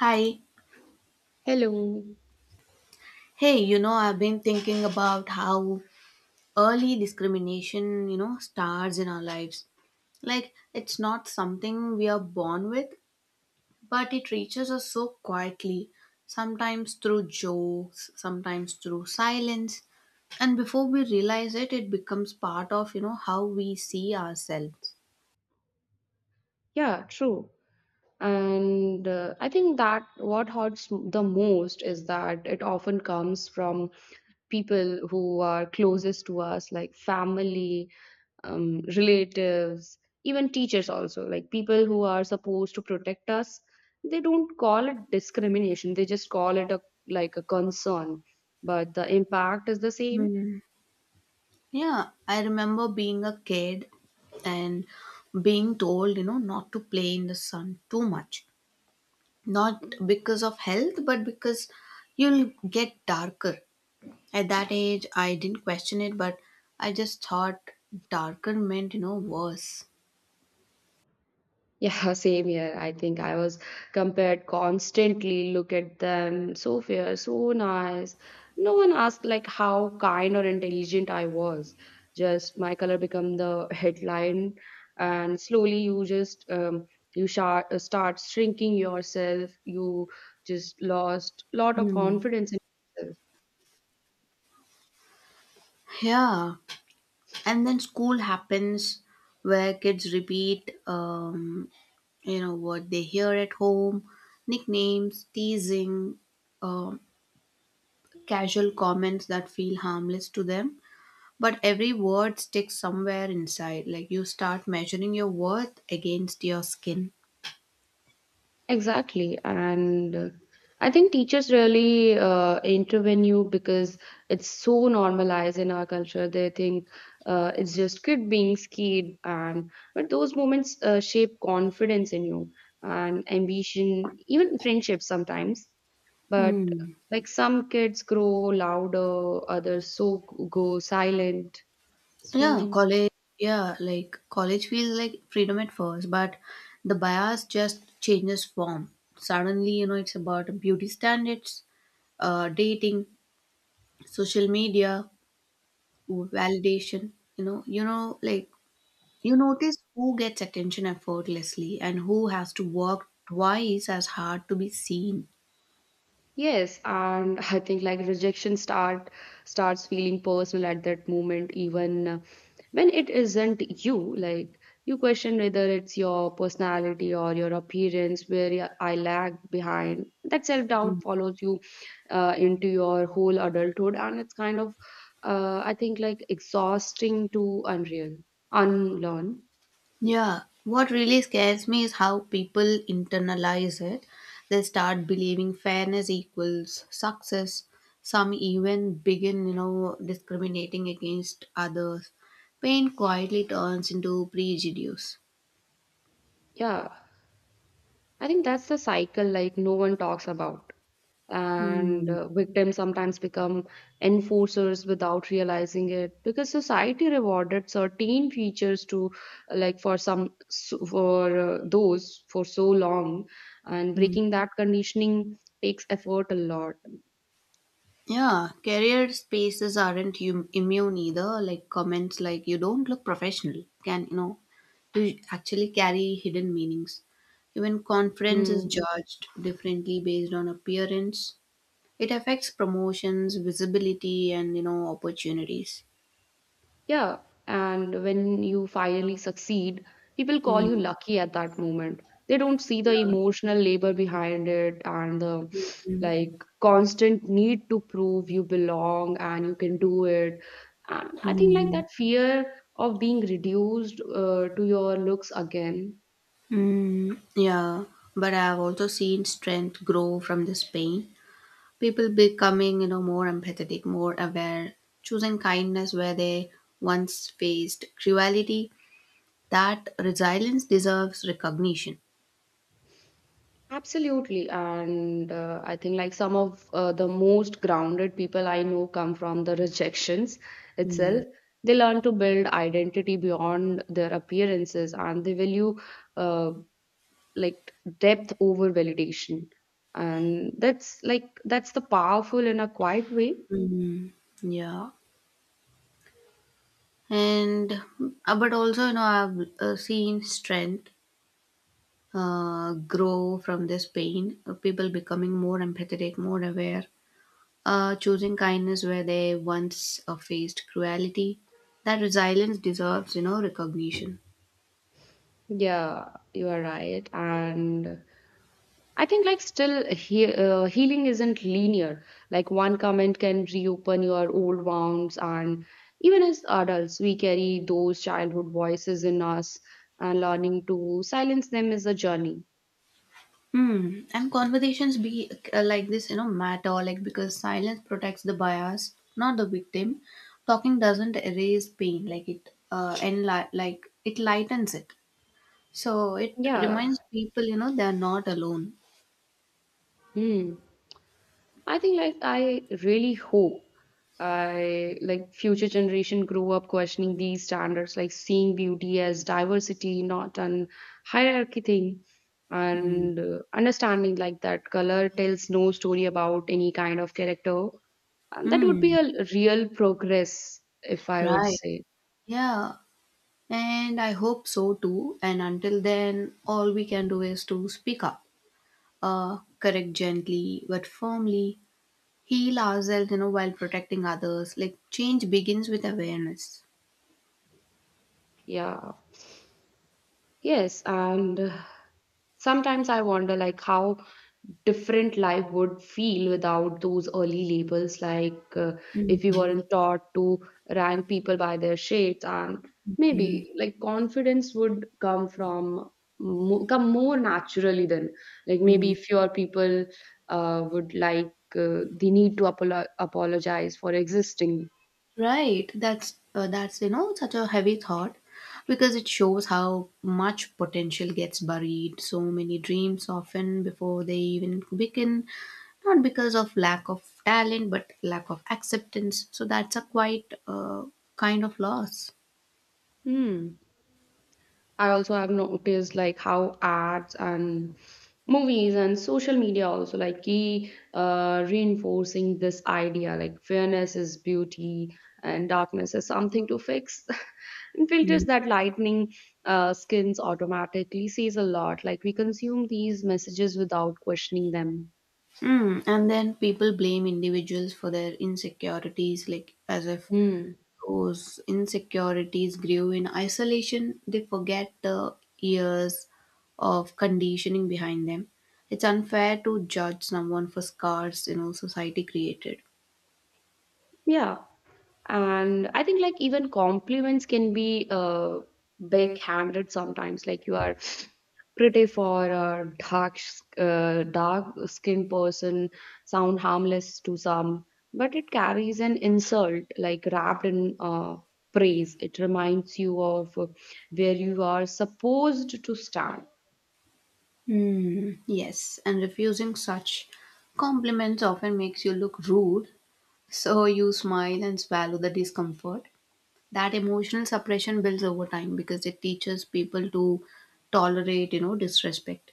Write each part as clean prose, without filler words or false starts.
Hi. Hello. Hey, you know, I've been thinking about how early discrimination, you know, starts in our lives. Like, it's not something we are born with, but it reaches us so quietly, sometimes through jokes, sometimes through silence. And before we realize it, it becomes part of, you know, how we see ourselves. Yeah, true. And I think that what hurts the most is that it often comes from people who are closest to us, like family, relatives, even teachers, also. Like people who are supposed to protect us, they don't call it discrimination, they just call it a like a concern. But the impact is the same. Hmm. Yeah, I remember being a kid and being told, you know, not to play in the sun too much, not because Mhm. of health but because you'll get darker. At that age, I didn't question it, but I just thought darker meant, you know, worse. Yeah, same here. I think I was compared constantly. Look at them, so fair, so nice. No one asked like how kind or intelligent I was. Just my color become the headline, and slowly you just start shrinking yourself. You just lost lot of Hmm. confidence in yourself. Yeah, and then school happens, where kids repeat, you know, what they hear at home. Nicknames, teasing, um casual comments that feel harmless to them. But every word sticks somewhere inside. Like, you start measuring your worth against your skin. Exactly. And I think teachers really intervene you because it's so normalized in our culture. They think it's just kid being scared and but those moments shape confidence in you and ambition, even friendships sometimes. But Hmm. like some kids grow louder, others so go silent. Yeah, So college. Yeah, like, college feels like freedom at first, but the bias just changes form. Suddenly, you know, it's about beauty standards, dating, social media, validation. You know, like, you notice who gets attention effortlessly and who has to work twice as hard to be seen. yes, and I think like rejection starts feeling personal at that moment, even when it isn't you. Like you question whether it's your personality or your appearance where I lag behind. That self doubt follows you into your whole adulthood, and it's kind of I think like exhausting to unlearn. Yeah, what really scares me is how people internalize it. They start believing fairness equals success. Some even begin, you know, discriminating against others. Pain quietly turns into prejudice. Yeah, I think that's the cycle like no one talks about. And Hmm. uh, victims sometimes become enforcers without realizing it because society rewarded certain features to like for those for so long, and breaking that conditioning takes effort a lot. Yeah, career spaces aren't immune either. Like, comments like "you don't look professional" can, you know, to actually carry hidden meanings. Even conference is Mm. judged differently based on appearance. It affects promotions, visibility, and, you know, opportunities. Yeah, and when you finally succeed, people call you Mm. lucky at that moment. They don't see the emotional labor behind it and the Mm. like constant need to prove you belong and you can do it. And I think like Mm. that fear of being reduced to your looks again. Mm. Yeah, but I've also seen strength grow from this pain. People becoming, you know, more empathetic, more aware, choosing kindness where they once faced cruelty. That resilience deserves recognition. Absolutely. And I think like some of the most grounded people I know come from the rejections Hmm. itself. They learn to build identity beyond their appearances and they value uh, like depth over validation. And that's like that's the powerful in a quiet way. Mm. Yeah, and but also, you know, I've seen strength grow from this pain. People becoming more empathetic, more aware, choosing kindness where they once faced cruelty. That resilience deserves, you know, recognition. Yeah, you are right. And I think like still healing isn't linear. Like one comment can reopen your old wounds, and even as adults, we carry those childhood voices in us, and learning to silence them is a journey. Hmm. And conversations be like this, you know, matter, like, because silence protects the bias, not the victim. Talking doesn't erase pain, like, it like it lightens it. So it Yeah. reminds people, you know, they are not alone. Hmm. I think like I really hope I like future generation grow up questioning these standards, like seeing beauty as diversity, not an hierarchy thing, Hmm. and understanding like that color tells no story about any kind of character. And that would be Hmm. a real progress, if I would Right. say. Yeah. And I hope so too. And until then, all we can do is to speak up, correct gently but firmly, heal ourselves, you know, while protecting others. Like, change begins with awareness. Yeah. Yes, and sometimes I wonder like how different life would feel without those early labels like if we weren't taught to rank people by their shades and maybe like confidence would come from come more naturally than like maybe Mhm. fewer people would the need to apologize for existing. Right. That's you know, such a heavy thought, because it shows how much potential gets buried. So many dreams often before they even begin, not because of lack of talent, but lack of acceptance. So that's a quite kind of loss. Hmm. I also have noticed like how ads and movies and social media also like key reinforcing this idea like fairness is beauty and darkness is something to fix and Mm. filters that lightning skins automatically says a lot like we consume these messages without questioning them. Mm, and then people blame individuals for their insecurities, like, as if Hmm, those insecurities grew in isolation. They forget the years of conditioning behind them. It's unfair to judge someone for scars, you know, society created. yeah, and I think like even compliments can be backhanded sometimes like you are pretty for a dark skinned person sound harmless to some but it carries an insult like wrapped in praise. It reminds you of where you are supposed to stand. Hmm. Yes, and refusing such compliments often makes you look rude, so you smile and swallow the discomfort. That emotional suppression builds over time because it teaches people to tolerate, you know, disrespect.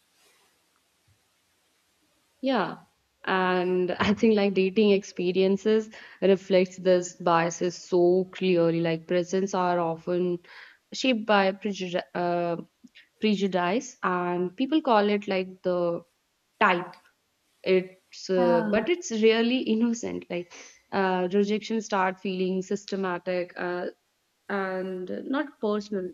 Yeah. And I think like dating experiences reflects this biases so clearly. Like presents are often shaped by prejudice, and people call it like the type. It's Yeah. but it's really innocent. Like rejection start feeling systematic and not personal.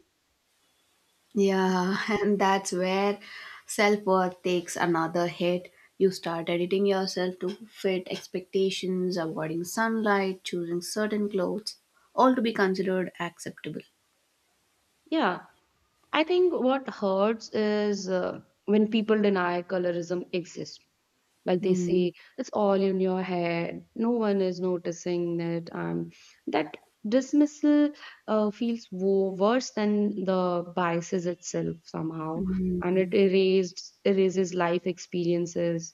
Yeah, and that's where self worth takes another hit. You start editing yourself to fit expectations, avoiding sunlight, choosing certain clothes, all to be considered acceptable. Yeah, I think what hurts is when people deny colorism exists. Like they Hmm. say, it's all in your head. No one is noticing it. That dismissal feels worse than the biases itself somehow, and it erased erases life experiences.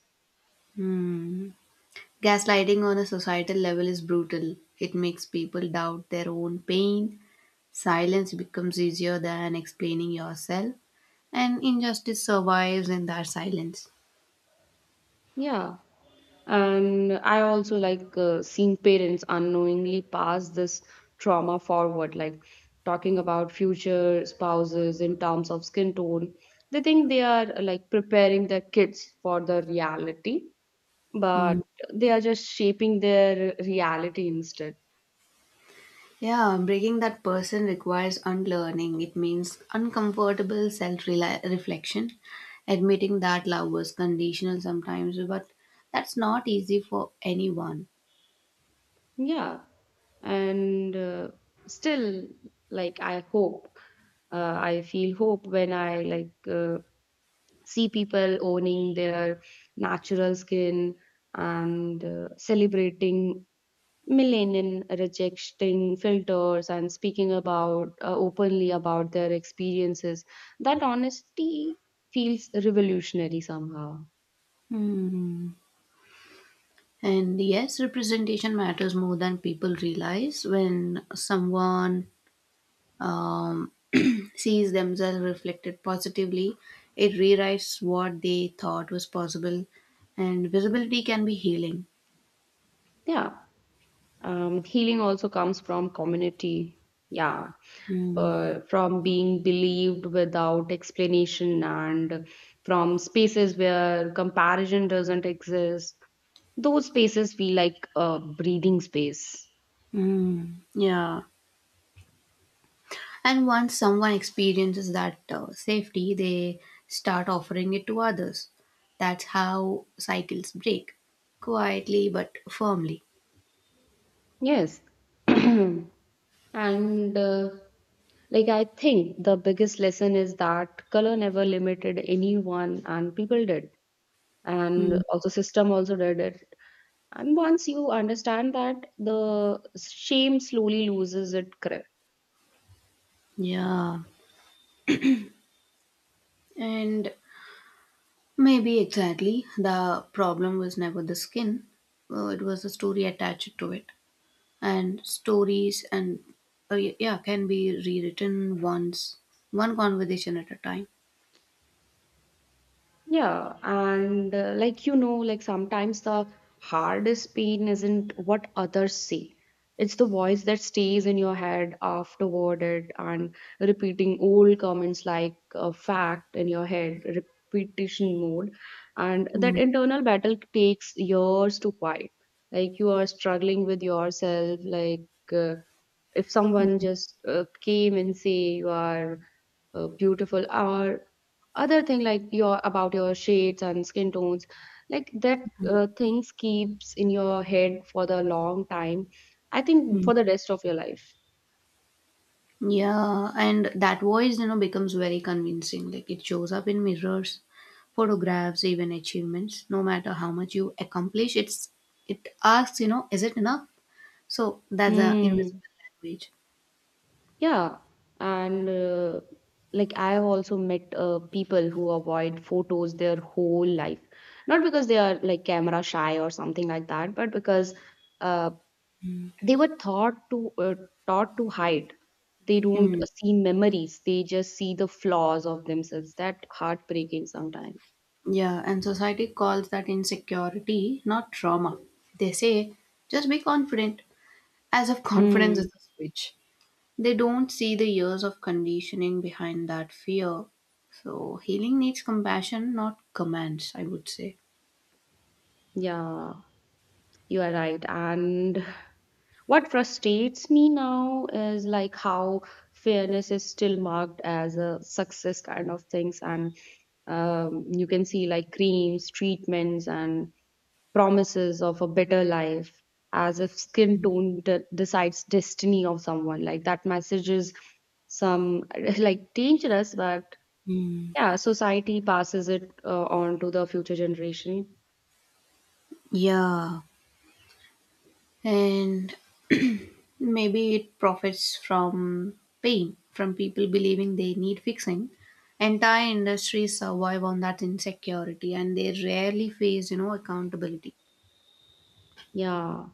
Hmm. Gaslighting on a societal level is brutal. It makes people doubt their own pain. Silence becomes easier than explaining yourself, and injustice survives in that silence. Yeah. And I also like seeing parents unknowingly pass this trauma forward, like talking about future spouses in terms of skin tone. They think they are like preparing their kids for the reality, but they are just shaping their reality instead. Yeah, breaking that person requires unlearning. It means uncomfortable self reflection, admitting that love was conditional sometimes, but that's not easy for anyone. Yeah. And still, like, I hope, I feel hope when I like. See people owning their natural skin and celebrating millennial rejecting filters and speaking about openly about their experiences. That honesty feels revolutionary somehow. Hmm. And yes, representation matters more than people realize. When someone, um, sees themselves reflected positively, it rewrites what they thought was possible, and visibility can be healing. Yeah. Healing also comes from community. Yeah. From being believed without explanation and from spaces where comparison doesn't exist. Those spaces feel like a breathing space. Hmm. Yeah. And once someone experiences that safety, they start offering it to others. That's how cycles break, quietly but firmly. Yes. And like I think the biggest lesson is that color never limited anyone and people did and Hmm. also system also did it, and once you understand that the shame slowly loses its grip. Yeah. And maybe exactly the problem was never the skin, it was the story attached to it. And stories and yeah, can be rewritten, once, one conversation at a time. Yeah, and like you know, like sometimes the hardest pain isn't what others say. It's the voice that stays in your head afterward it and repeating old comments like a fact in your head, repetition mode. And that internal battle takes years to fight. Like you are struggling with yourself, like if someone Hmm. just came and say you are beautiful or other thing like your about your shades and skin tones. Like that things keeps in your head for the long time. I think for the rest of your life. Yeah, and that voice, you know, becomes very convincing. Like, it shows up in mirrors, photographs, even achievements. No matter how much you accomplish, it asks, you know, is it enough? So that's a Mm, invisible language. yeah, and like I have also met people who avoid photos their whole life, not because they are like camera shy or something like that but because uh, they were taught to hide. They don't Mm, see memories, they just see the flaws of themselves. That heartbreaking sometimes. yeah, and society calls that insecurity, not trauma. They say, just be confident, as if confidence is Mm, a switch. They don't see the years of conditioning behind that fear. So healing needs compassion, not commands, I would say. yeah, you are right. And what frustrates me now is like how fairness is still marked as a success kind of things, and you can see like creams treatments and promises of a better life, as if skin tone decides destiny of someone. Like that message is some like dangerous, but Mm, yeah, society passes it on to the future generation. yeah, and maybe it profits from pain, from people believing they need fixing. Entire industries survive on that insecurity, and they rarely face, you know, accountability. Yeah,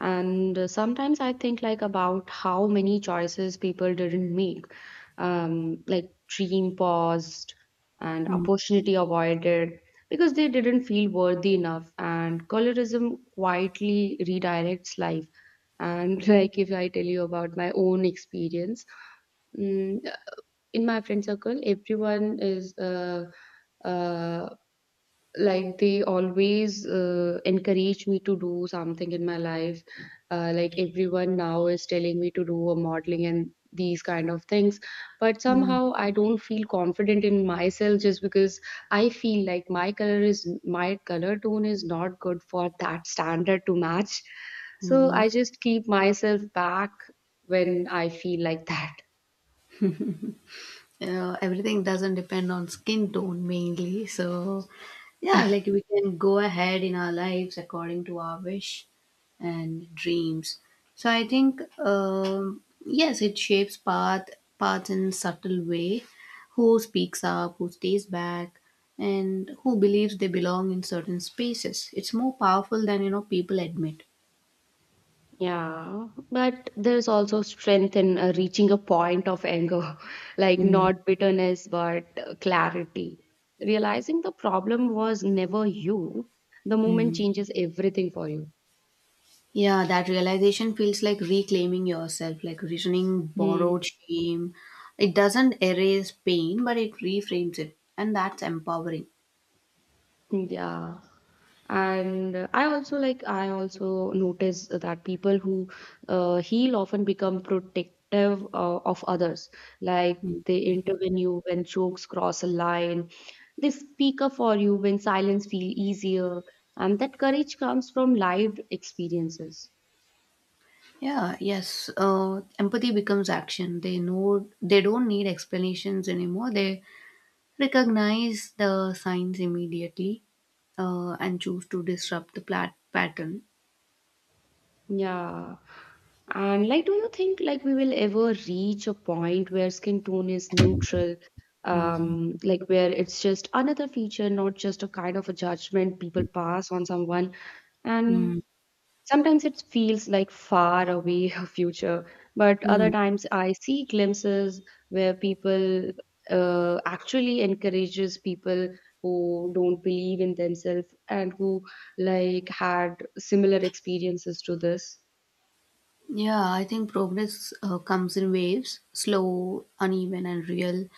and sometimes I think like about how many choices people didn't make, like dream paused and Mm. opportunity avoided because they didn't feel worthy enough and colorism quietly redirects life. And like if I tell you about my own experience, mm, in my friend circle everyone is uh, uh, like they always encourage me to do something in my life. Like everyone now is telling me to do a modeling and these kind of things, but somehow I don't feel confident in myself just because I feel like my color tone is not good for that standard to match, so Mm. I just keep myself back when I feel like that. Everything doesn't depend on skin tone mainly. So, yeah, like, we can go ahead in our lives according to our wish and dreams. So, I think, yes, it shapes paths in subtle way. Who speaks up, who stays back, and who believes they belong in certain spaces. It's more powerful than, you know, people admit. Yeah, but there's also strength in reaching a point of anger, like Mm. not bitterness, but clarity. Realizing the problem was never you, the moment Mm. changes everything for you. Yeah, that realization feels like reclaiming yourself, like returning Hmm. borrowed shame. It doesn't erase pain, but it reframes it, and that's empowering. Yeah. And I also like, I also notice that people who heal often become protective of others. Like Mm. they intervene you when jokes cross a line, they speak up for you when silence feel easier. And that courage comes from lived experiences. Yeah, yes. Empathy becomes action. They know they don't need explanations anymore. They recognize the signs immediately and choose to disrupt the pattern. Yeah. And like, do you think like we will ever reach a point where skin tone is neutral? Mm. Like where it's just another feature, not just a kind of a judgment people pass on someone. Mm. And sometimes it feels like far away a future, but other times I see glimpses where people actually encourages people who don't believe in themselves and who like had similar experiences to this. Yeah, I think progress comes in waves, slow, uneven, and real.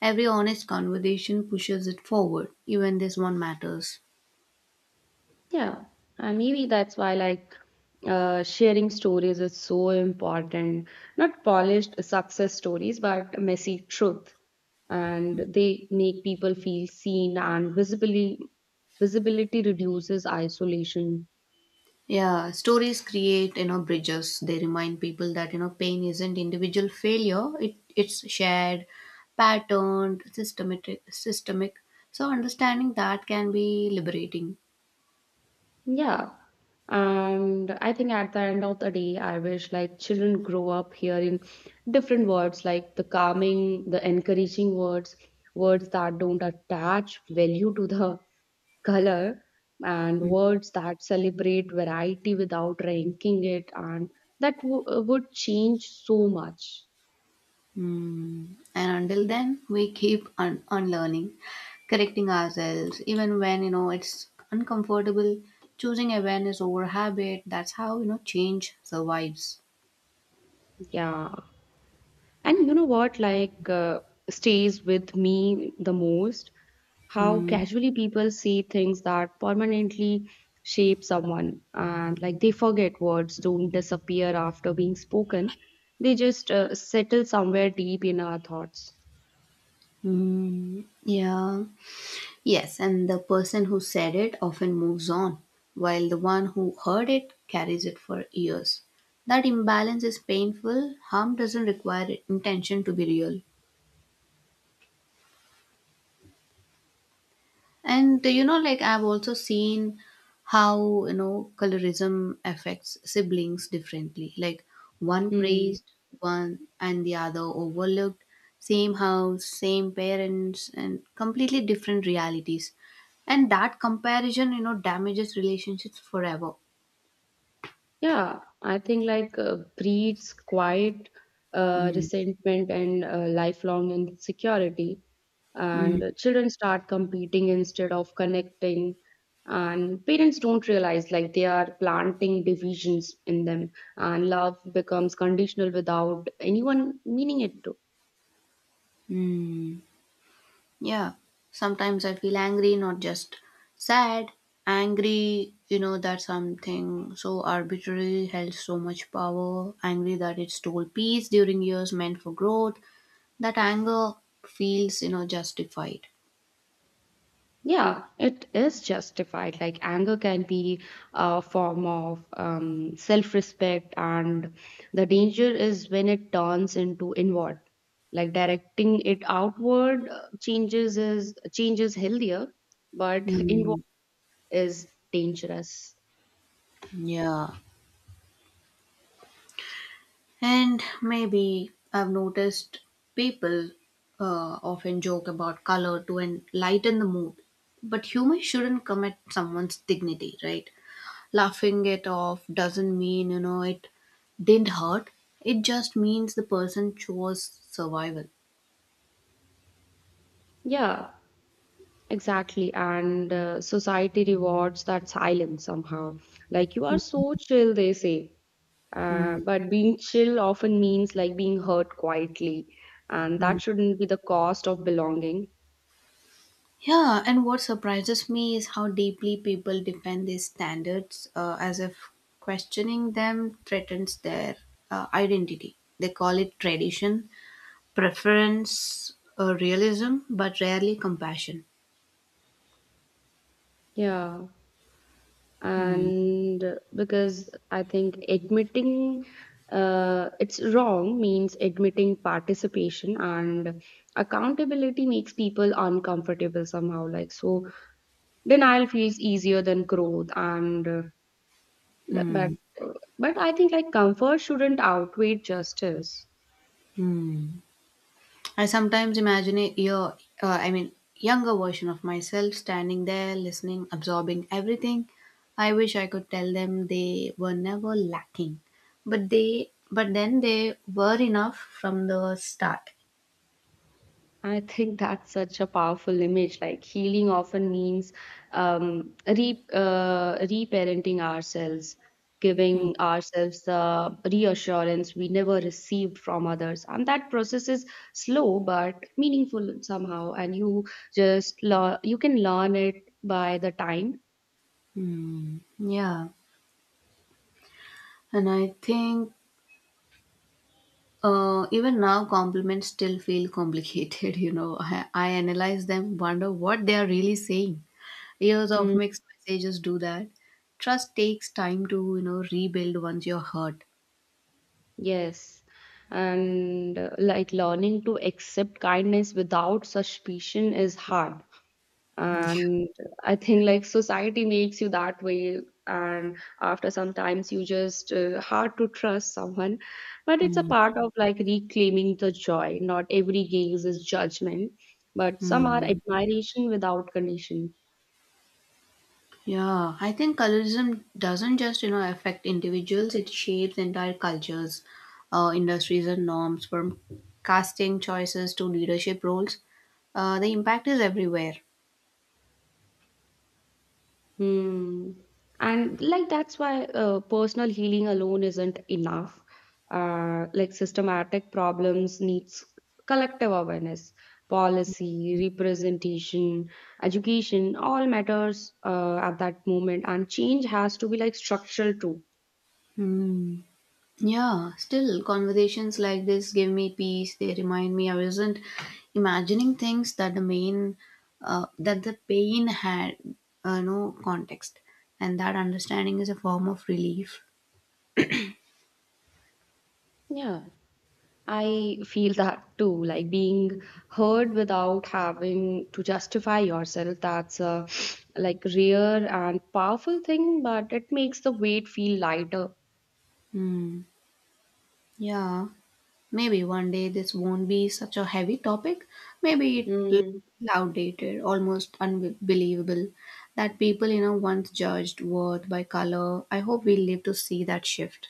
Every honest conversation pushes it forward, even this one matters. Yeah, and maybe that's why like sharing stories is so important. Not polished success stories, but messy truth, and they make people feel seen and visibly visibility reduces isolation. Yeah, stories create, you know, bridges. They remind people that, you know, pain isn't individual failure. It's shared, patterned, systemic. So understanding that can be liberating. Yeah. And I think at the end of the day, I wish like children grow up hearing different words like the calming, the encouraging words, words that don't attach value to the color and words that celebrate variety without ranking it and that would change so much. Mm. And until then, we keep unlearning, correcting ourselves, even when, you know, it's uncomfortable. Choosing awareness over habit. That's how, you know, change survives. Yeah, and you know what like stays with me the most, how Mm. casually people say things that permanently shape someone. And like they forget words don't disappear after being spoken, they just settle somewhere deep in our thoughts. Mm. Yeah. Yes, and the person who said it often moves on, while the one who heard it carries it for years. That imbalance is painful. Harm doesn't require intention to be real. And you know, like, I've also seen how, you know, colorism affects siblings differently. Like, one Hmm. praised one and the other overlooked. Same house, same parents, and completely different realities. And that comparison, you know, damages relationships forever. Yeah, I think like breeds quiet Mm. resentment and lifelong insecurity. Mm. And children start competing instead of connecting. And parents don't realize like they are planting divisions in them. And love becomes conditional without anyone meaning it to. Mm. Yeah, sometimes I feel angry, not just sad. Angry, you know, that something so arbitrary held so much power. Angry that it stole peace during years meant for growth. That anger feels, you know, justified. Yeah, it is justified. Like anger can be a form of self-respect, and the danger is when it turns into inward. Like directing it outward changes healthier, but inward Hmm. is dangerous. Yeah. And maybe I've noticed people often joke about color to lighten the mood. But humor shouldn't come at someone's dignity, right? Laughing it off doesn't mean, you know, it didn't hurt. It just means the person chose survival. Yeah, exactly. And society rewards that silence somehow. Like you are so chill, they say. Mm. But being chill often means like being hurt quietly, and that Mm. shouldn't be the cost of belonging. Yeah, and what surprises me is how deeply people defend these standards, as if questioning them threatens their identity. They call it tradition, preference, realism, but rarely compassion. Yeah, Hmm. and because I think admitting it's wrong means admitting participation, and accountability makes people uncomfortable somehow. Like, so denial feels easier than growth, and Hmm. but but I think like comfort shouldn't outweigh justice. Hmm. I sometimes imagine a younger version of myself standing there, listening, absorbing everything. I wish I could tell them they were never lacking, but but then they were enough from the start. I think that's such a powerful image. Like healing often means re reparenting ourselves, giving ourselves the reassurance we never received from others, and that process is slow but meaningful somehow. And you just learn, you can learn it by the time. Hmm. Yeah, and I think even now compliments still feel complicated. You know, I analyze them, wonder what they are really saying. Years of Mm, mixed messages do that. Trust takes time to, you know, rebuild once you're hurt. yes, and like learning to accept kindness without suspicion is hard, and I think like society makes you that way, and after sometimes you just hard to trust someone, but it's a Mm. part of like reclaiming the joy. Not every gaze is judgment, but some are Mm. admiration without condition. Yeah, I think colorism doesn't just, you know, affect individuals, it shapes entire cultures, industries and norms, from casting choices to leadership roles. The impact is everywhere. Hmm. And like that's why personal healing alone isn't enough. Like systematic problems needs collective awareness, policy, representation, education, all matters at that moment. And change has to be like structural too. Hmm. Yeah, still, conversations like this give me peace. They remind me I wasn't imagining things, that that the pain had no context, and that understanding is a form of relief. Yeah. I feel that too, like being heard without having to justify yourself. That's a like rare and powerful thing, but it makes the weight feel lighter. Hmm. Yeah, maybe one day this won't be such a heavy topic. Maybe it'll Hmm, be outdated, almost unbelievable that people, you know, once judged worth by color. I hope we live to see that shift.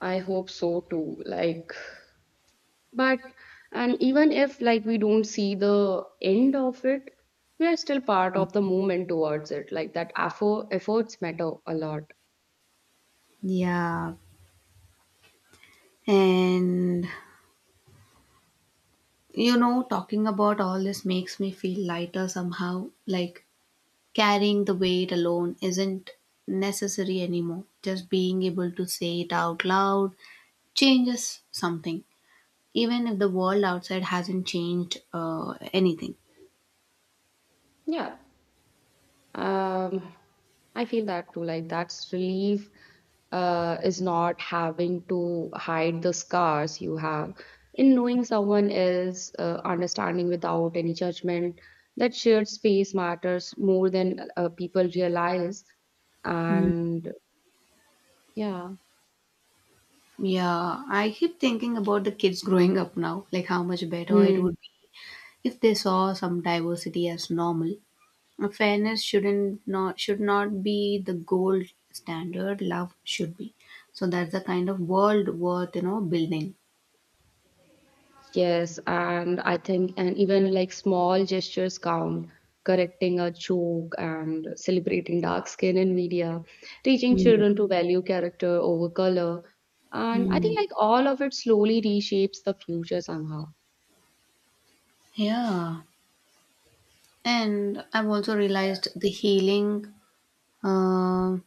I hope so too. Like, but and even if like we don't see the end of it, we are still part of the movement towards it. Like that effort, efforts matter a lot. Yeah, and you know, talking about all this makes me feel lighter somehow. Like, carrying the weight alone isn't necessary anymore. Just being able to say it out loud changes something, even if the world outside hasn't changed anything. Yeah. Um, I feel that too. Like that's relief is not having to hide the scars you have. In knowing someone is understanding without any judgment, that shared space matters more than people realize. Mm. And yeah. Yeah, I keep thinking about the kids growing up now, like, how much better it Hmm. would be if they saw some diversity as normal. Fairness should not be the gold standard. Love should be. So that's the kind of world worth, you know, building. Yes, and I think, and even like small gestures count, correcting a joke and celebrating dark skin in media, teaching Mm. children to value character over color. And I Mm. think like all of it slowly reshapes the future somehow. Yeah, and I've also realized the healing uh,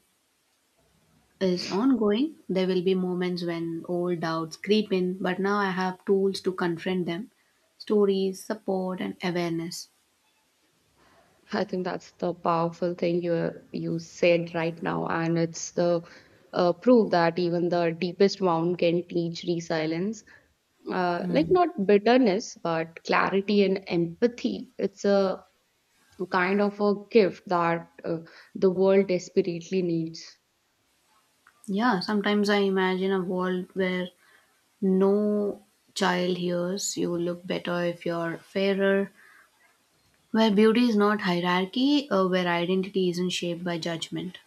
is ongoing. There will be moments when old doubts creep in, but now I have tools to confront them: stories, support, and awareness. I think that's the powerful thing you said right now, and it's the proof that even the deepest wound can teach resilience, like Mm. not bitterness but clarity and empathy. It's a kind of a gift that the world desperately needs. Yeah, sometimes I imagine a world where no child hears you look better if you're fairer, where beauty is not hierarchy, where identity isn't shaped by judgment.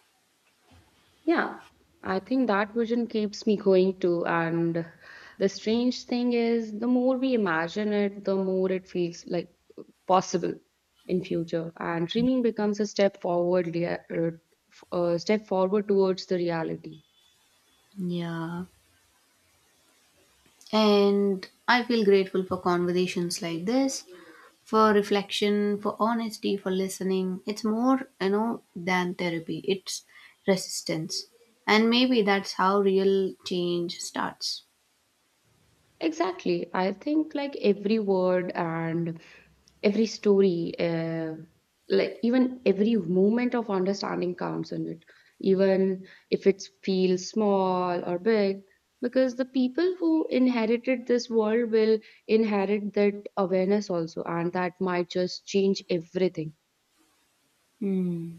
Yeah, I think that vision keeps me going too. And the strange thing is, the more we imagine it, the more it feels like possible in future. And dreaming becomes a step forward, step forward towards the reality. Yeah. And I feel grateful for conversations like this, for reflection, for honesty, for listening. It's more, you know, than therapy, it's resistance. And maybe that's how real change starts. Exactly. I think like every word and every story, like even every moment of understanding counts in it, even if it feels small or big, because the people who inherited this world will inherit that awareness also, and that might just change everything. Hmm.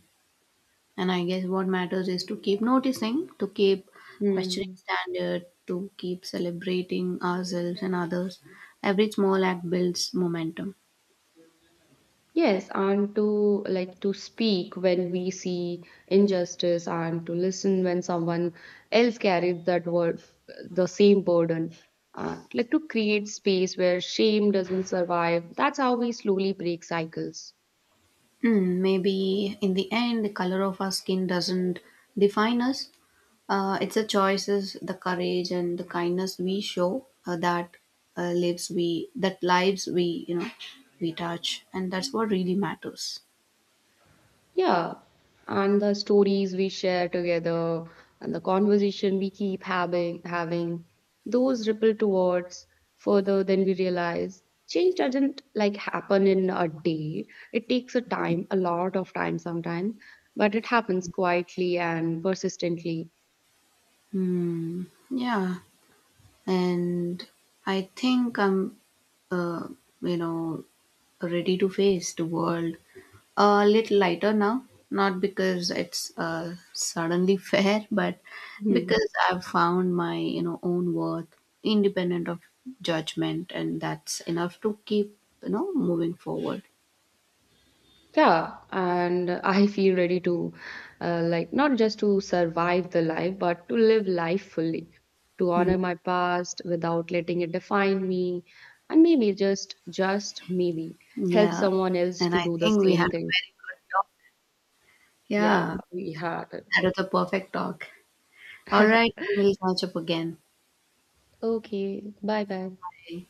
And I guess what matters is to keep noticing, to keep questioning Hmm. standard, to keep celebrating ourselves and others. Every small act builds momentum. Yes, and to like to speak when we see injustice and to listen when someone else carries that word the same burden. Like to create space where shame doesn't survive. That's how we slowly break cycles. Hmm, maybe in the end, the color of our skin doesn't define us. It's the choices, the courage, and the kindness we show that lives we that lives we, you know, we touch, and that's what really matters. Yeah, and the stories we share together and the conversation we keep having those ripple towards further than we realize. Change doesn't like happen in a day. It takes a time, a lot of time sometimes, but it happens quietly and persistently. Hmm. Yeah. And I think I'm, uh, you know, ready to face the world a little lighter now. Not because it's suddenly fair, but Hmm. because I've found my, you know, own worth independent of judgment, and that's enough to keep, you know, moving forward. Yeah, and I feel ready to like not just to survive the life but to live life fully, to Mm. honor my past without letting it define me, and maybe just maybe help Yeah, someone else and to I do the think we same had a thing. very good talk. Yeah, Yeah, we had that was a perfect talk. All it. right, we'll catch up again. Okay, bye bye. Bye.